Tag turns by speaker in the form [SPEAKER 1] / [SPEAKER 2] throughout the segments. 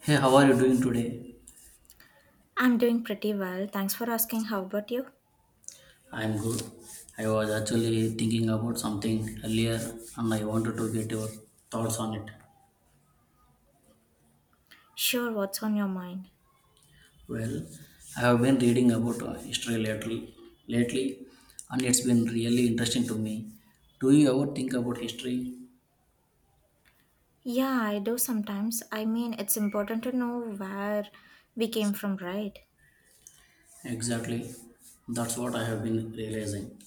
[SPEAKER 1] Hey, how are you doing today?
[SPEAKER 2] I'm doing pretty well. Thanks for asking. How about you?
[SPEAKER 1] I'm good. I was actually thinking about something earlier and I wanted to get your thoughts on it.
[SPEAKER 2] Sure, what's on your mind?
[SPEAKER 1] Well, I have been reading about history lately and it's been really interesting to me. Do you ever think about history?
[SPEAKER 2] Yeah, I do sometimes. I mean, it's important to know where we came from, right?
[SPEAKER 1] Exactly. That's what I have been realizing.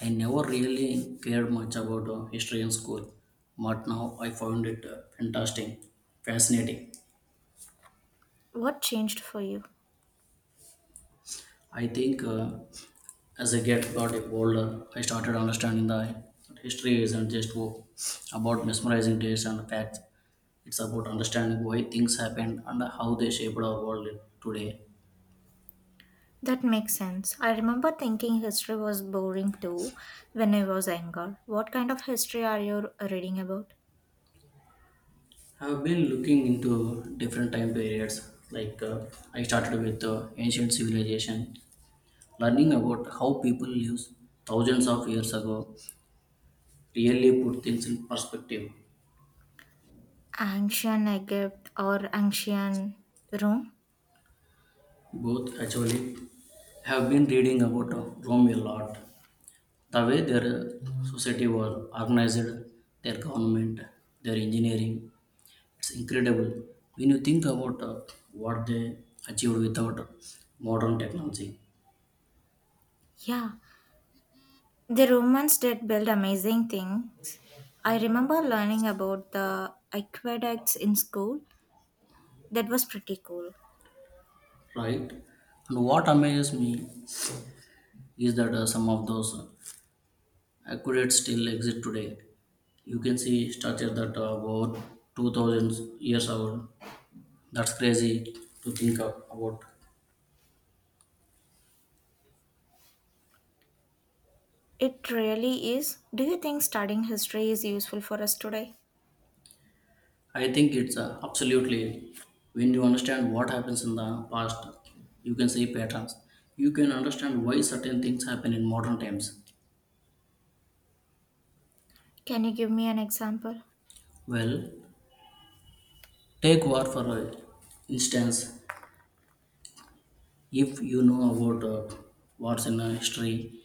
[SPEAKER 1] I never really cared much about history in school, but now I found it fascinating.
[SPEAKER 2] What changed for you?
[SPEAKER 1] I think as I get got older, I started understanding the that history isn't just about mesmerizing dates and facts. It's about understanding why things happened and how they shaped our world today.
[SPEAKER 2] That makes sense. I remember thinking history was boring too when I was younger. What kind of history are you reading about?
[SPEAKER 1] I've been looking into different time periods. I started with ancient civilization, learning about how people lived thousands of years ago. Really put things in perspective.
[SPEAKER 2] Ancient Egypt or ancient Rome?
[SPEAKER 1] Both actually have been reading about Rome a lot, the way their society was organized, their government, their engineering, it's incredible. When you think about what they achieved without modern technology,
[SPEAKER 2] Yeah, The Romans did build amazing things. I remember learning about the aqueducts in school. That was pretty cool.
[SPEAKER 1] right? And what amazes me is that some of those accurate still exist today. You can see structure that are over 2000 years old. That's crazy to think about.
[SPEAKER 2] It really is. Do you think studying history is useful for us today?
[SPEAKER 1] I think it's absolutely, when you understand what happens in the past, you can see patterns. You can understand why certain things happen in modern times.
[SPEAKER 2] Can you give me an example?
[SPEAKER 1] Well, take war for instance. If you know about wars in history,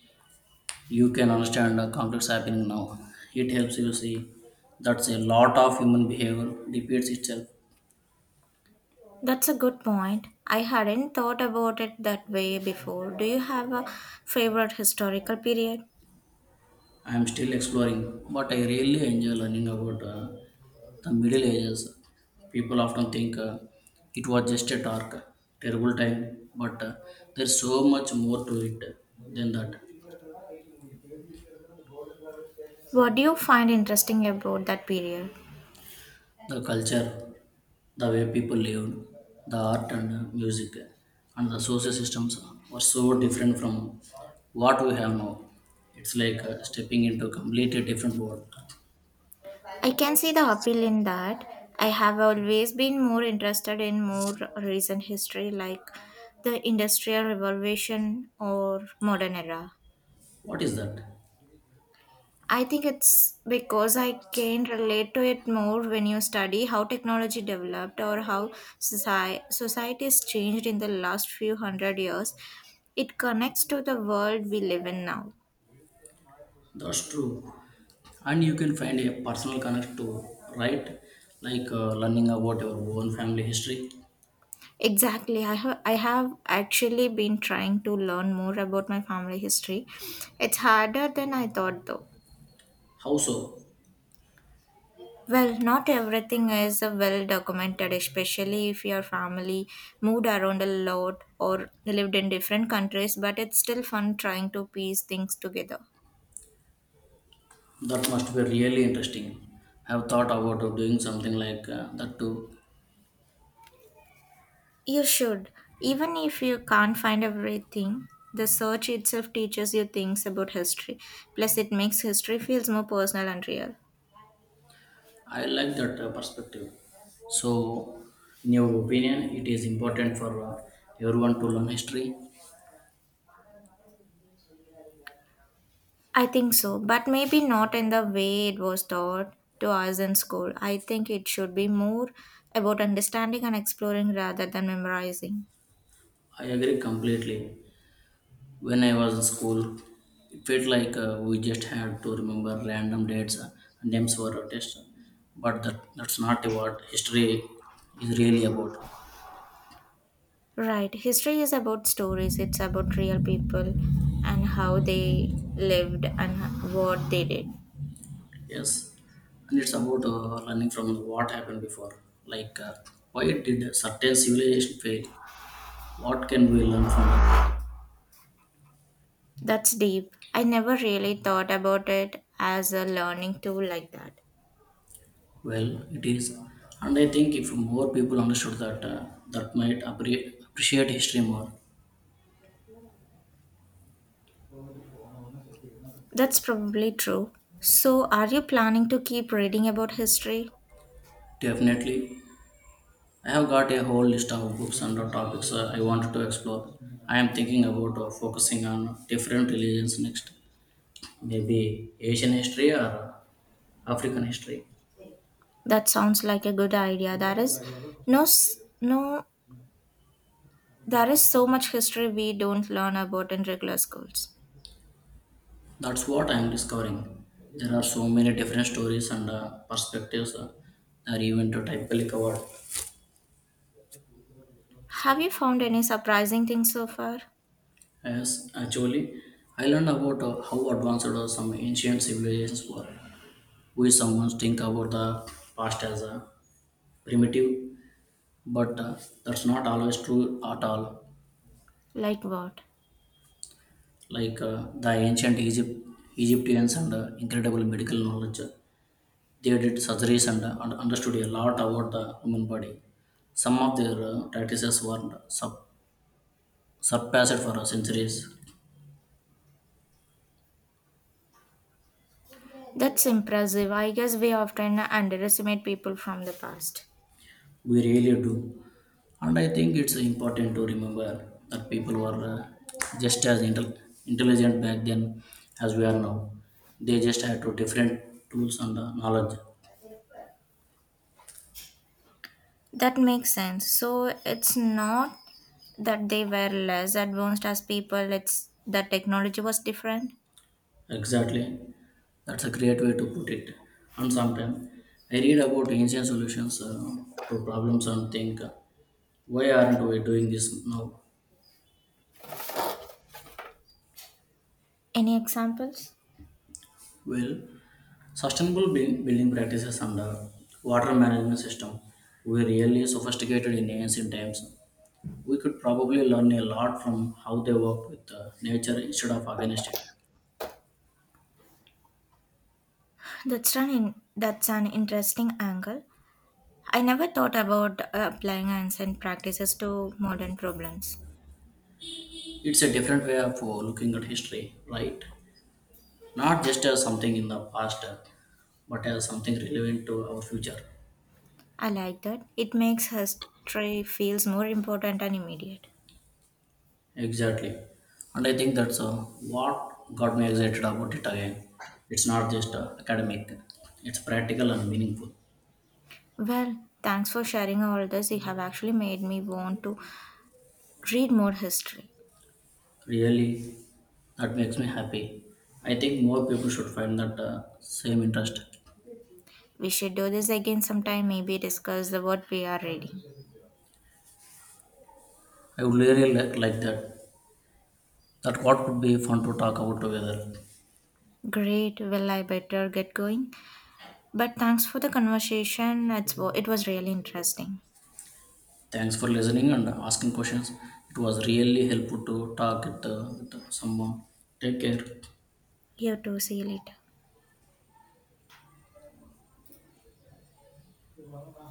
[SPEAKER 1] you can understand the conflicts happening now. It helps you see that's a lot of human behavior repeats itself.
[SPEAKER 2] That's a good point. I hadn't thought about it that way before. Do you have a favorite historical period?
[SPEAKER 1] I am still exploring, but I really enjoy learning about the Middle Ages. People often think it was just a dark, terrible time, but there's so much more to it than that.
[SPEAKER 2] What do you find interesting about that period?
[SPEAKER 1] The culture, the way people lived, the art and music, and the social systems were so different from what we have now. It's like stepping into a completely different world.
[SPEAKER 2] I can see the appeal in that. I have always been more interested in more recent history like the Industrial Revolution or modern era.
[SPEAKER 1] What is that?
[SPEAKER 2] I think it's because I can relate to it more when you study how technology developed or how society's changed in the last few hundred years. It connects to the world we live in now.
[SPEAKER 1] That's true. And you can find a personal connect to, right? Like learning about your own family history.
[SPEAKER 2] Exactly. I have actually been trying to learn more about my family history. It's harder than I thought, though.
[SPEAKER 1] How so?
[SPEAKER 2] Well, not everything is well documented, especially if your family moved around a lot or lived in different countries, but it's still fun trying to piece things together.
[SPEAKER 1] That must be really interesting. I have thought about doing something like that too.
[SPEAKER 2] You should. Even if you can't find everything, the search itself teaches you things about history. Plus, it makes history feels more personal and real.
[SPEAKER 1] I like that perspective. So, in your opinion, it is important for everyone to learn history.
[SPEAKER 2] I think so, but maybe not in the way it was taught to us in school. I think it should be more about understanding and exploring rather than memorizing.
[SPEAKER 1] I agree completely. When I was in school, it felt like we just had to remember random dates and names for a test. But that's not what history is really about.
[SPEAKER 2] Right, history is about stories, it's about real people and how they lived and what they did.
[SPEAKER 1] Yes, and it's about learning from what happened before. Like, why did a certain civilization fail? What can we learn from that?
[SPEAKER 2] That's deep. I never really thought about it as a learning tool like that.
[SPEAKER 1] Well, it is. And I think if more people understood that, that might appreciate history more.
[SPEAKER 2] That's probably true. So, are you planning to keep reading about history?
[SPEAKER 1] Definitely, I have got a whole list of books and topics I wanted to explore. I am thinking about focusing on different religions next, maybe Asian history or African history.
[SPEAKER 2] That sounds like a good idea. There is no there is so much history we don't learn about in regular schools.
[SPEAKER 1] That's what I am discovering. There are so many different stories and perspectives that are even to typically covered.
[SPEAKER 2] Have you found any surprising things so far?
[SPEAKER 1] Yes, actually, I learned about how advanced some ancient civilizations were. We sometimes think about the past as a primitive, but that's not always true at all.
[SPEAKER 2] Like what?
[SPEAKER 1] Like the Egyptians and incredible medical knowledge, they did surgeries and understood a lot about the human body. Some of their practices were surpassed for centuries.
[SPEAKER 2] That's impressive. I guess we often underestimate people from the past.
[SPEAKER 1] We really do. And I think it's important to remember that people were just as intelligent back then as we are now. They just had to different tools and knowledge.
[SPEAKER 2] That makes sense. So it's not that they were less advanced as people, it's that technology was different.
[SPEAKER 1] Exactly. That's a great way to put it. And sometimes I read about ancient solutions to problems and think, why aren't we doing this now?
[SPEAKER 2] Any examples?
[SPEAKER 1] Well, sustainable building practices and water management system were really sophisticated in ancient times. We could probably learn a lot from how they work with nature instead of against it.
[SPEAKER 2] That's an interesting angle. I never thought about applying ancient practices to modern problems.
[SPEAKER 1] It's a different way of looking at history, right? Not just as something in the past, but as something relevant to our future.
[SPEAKER 2] I like that. It makes history feels more important and immediate.
[SPEAKER 1] Exactly. And I think that's what got me excited about it again. It's not just academic, it's practical and meaningful.
[SPEAKER 2] Well, thanks for sharing all this. You have actually made me want to read more history.
[SPEAKER 1] Really, that makes me happy. I think more people should find that same interest.
[SPEAKER 2] We should do this again sometime, maybe discuss the what we are reading.
[SPEAKER 1] I would really like that. That what would be fun to talk about together.
[SPEAKER 2] Great. Well, I better get going. But thanks for the conversation. It was really interesting.
[SPEAKER 1] Thanks for listening and asking questions. It was really helpful to talk it, with someone. Take care.
[SPEAKER 2] You too. See you later.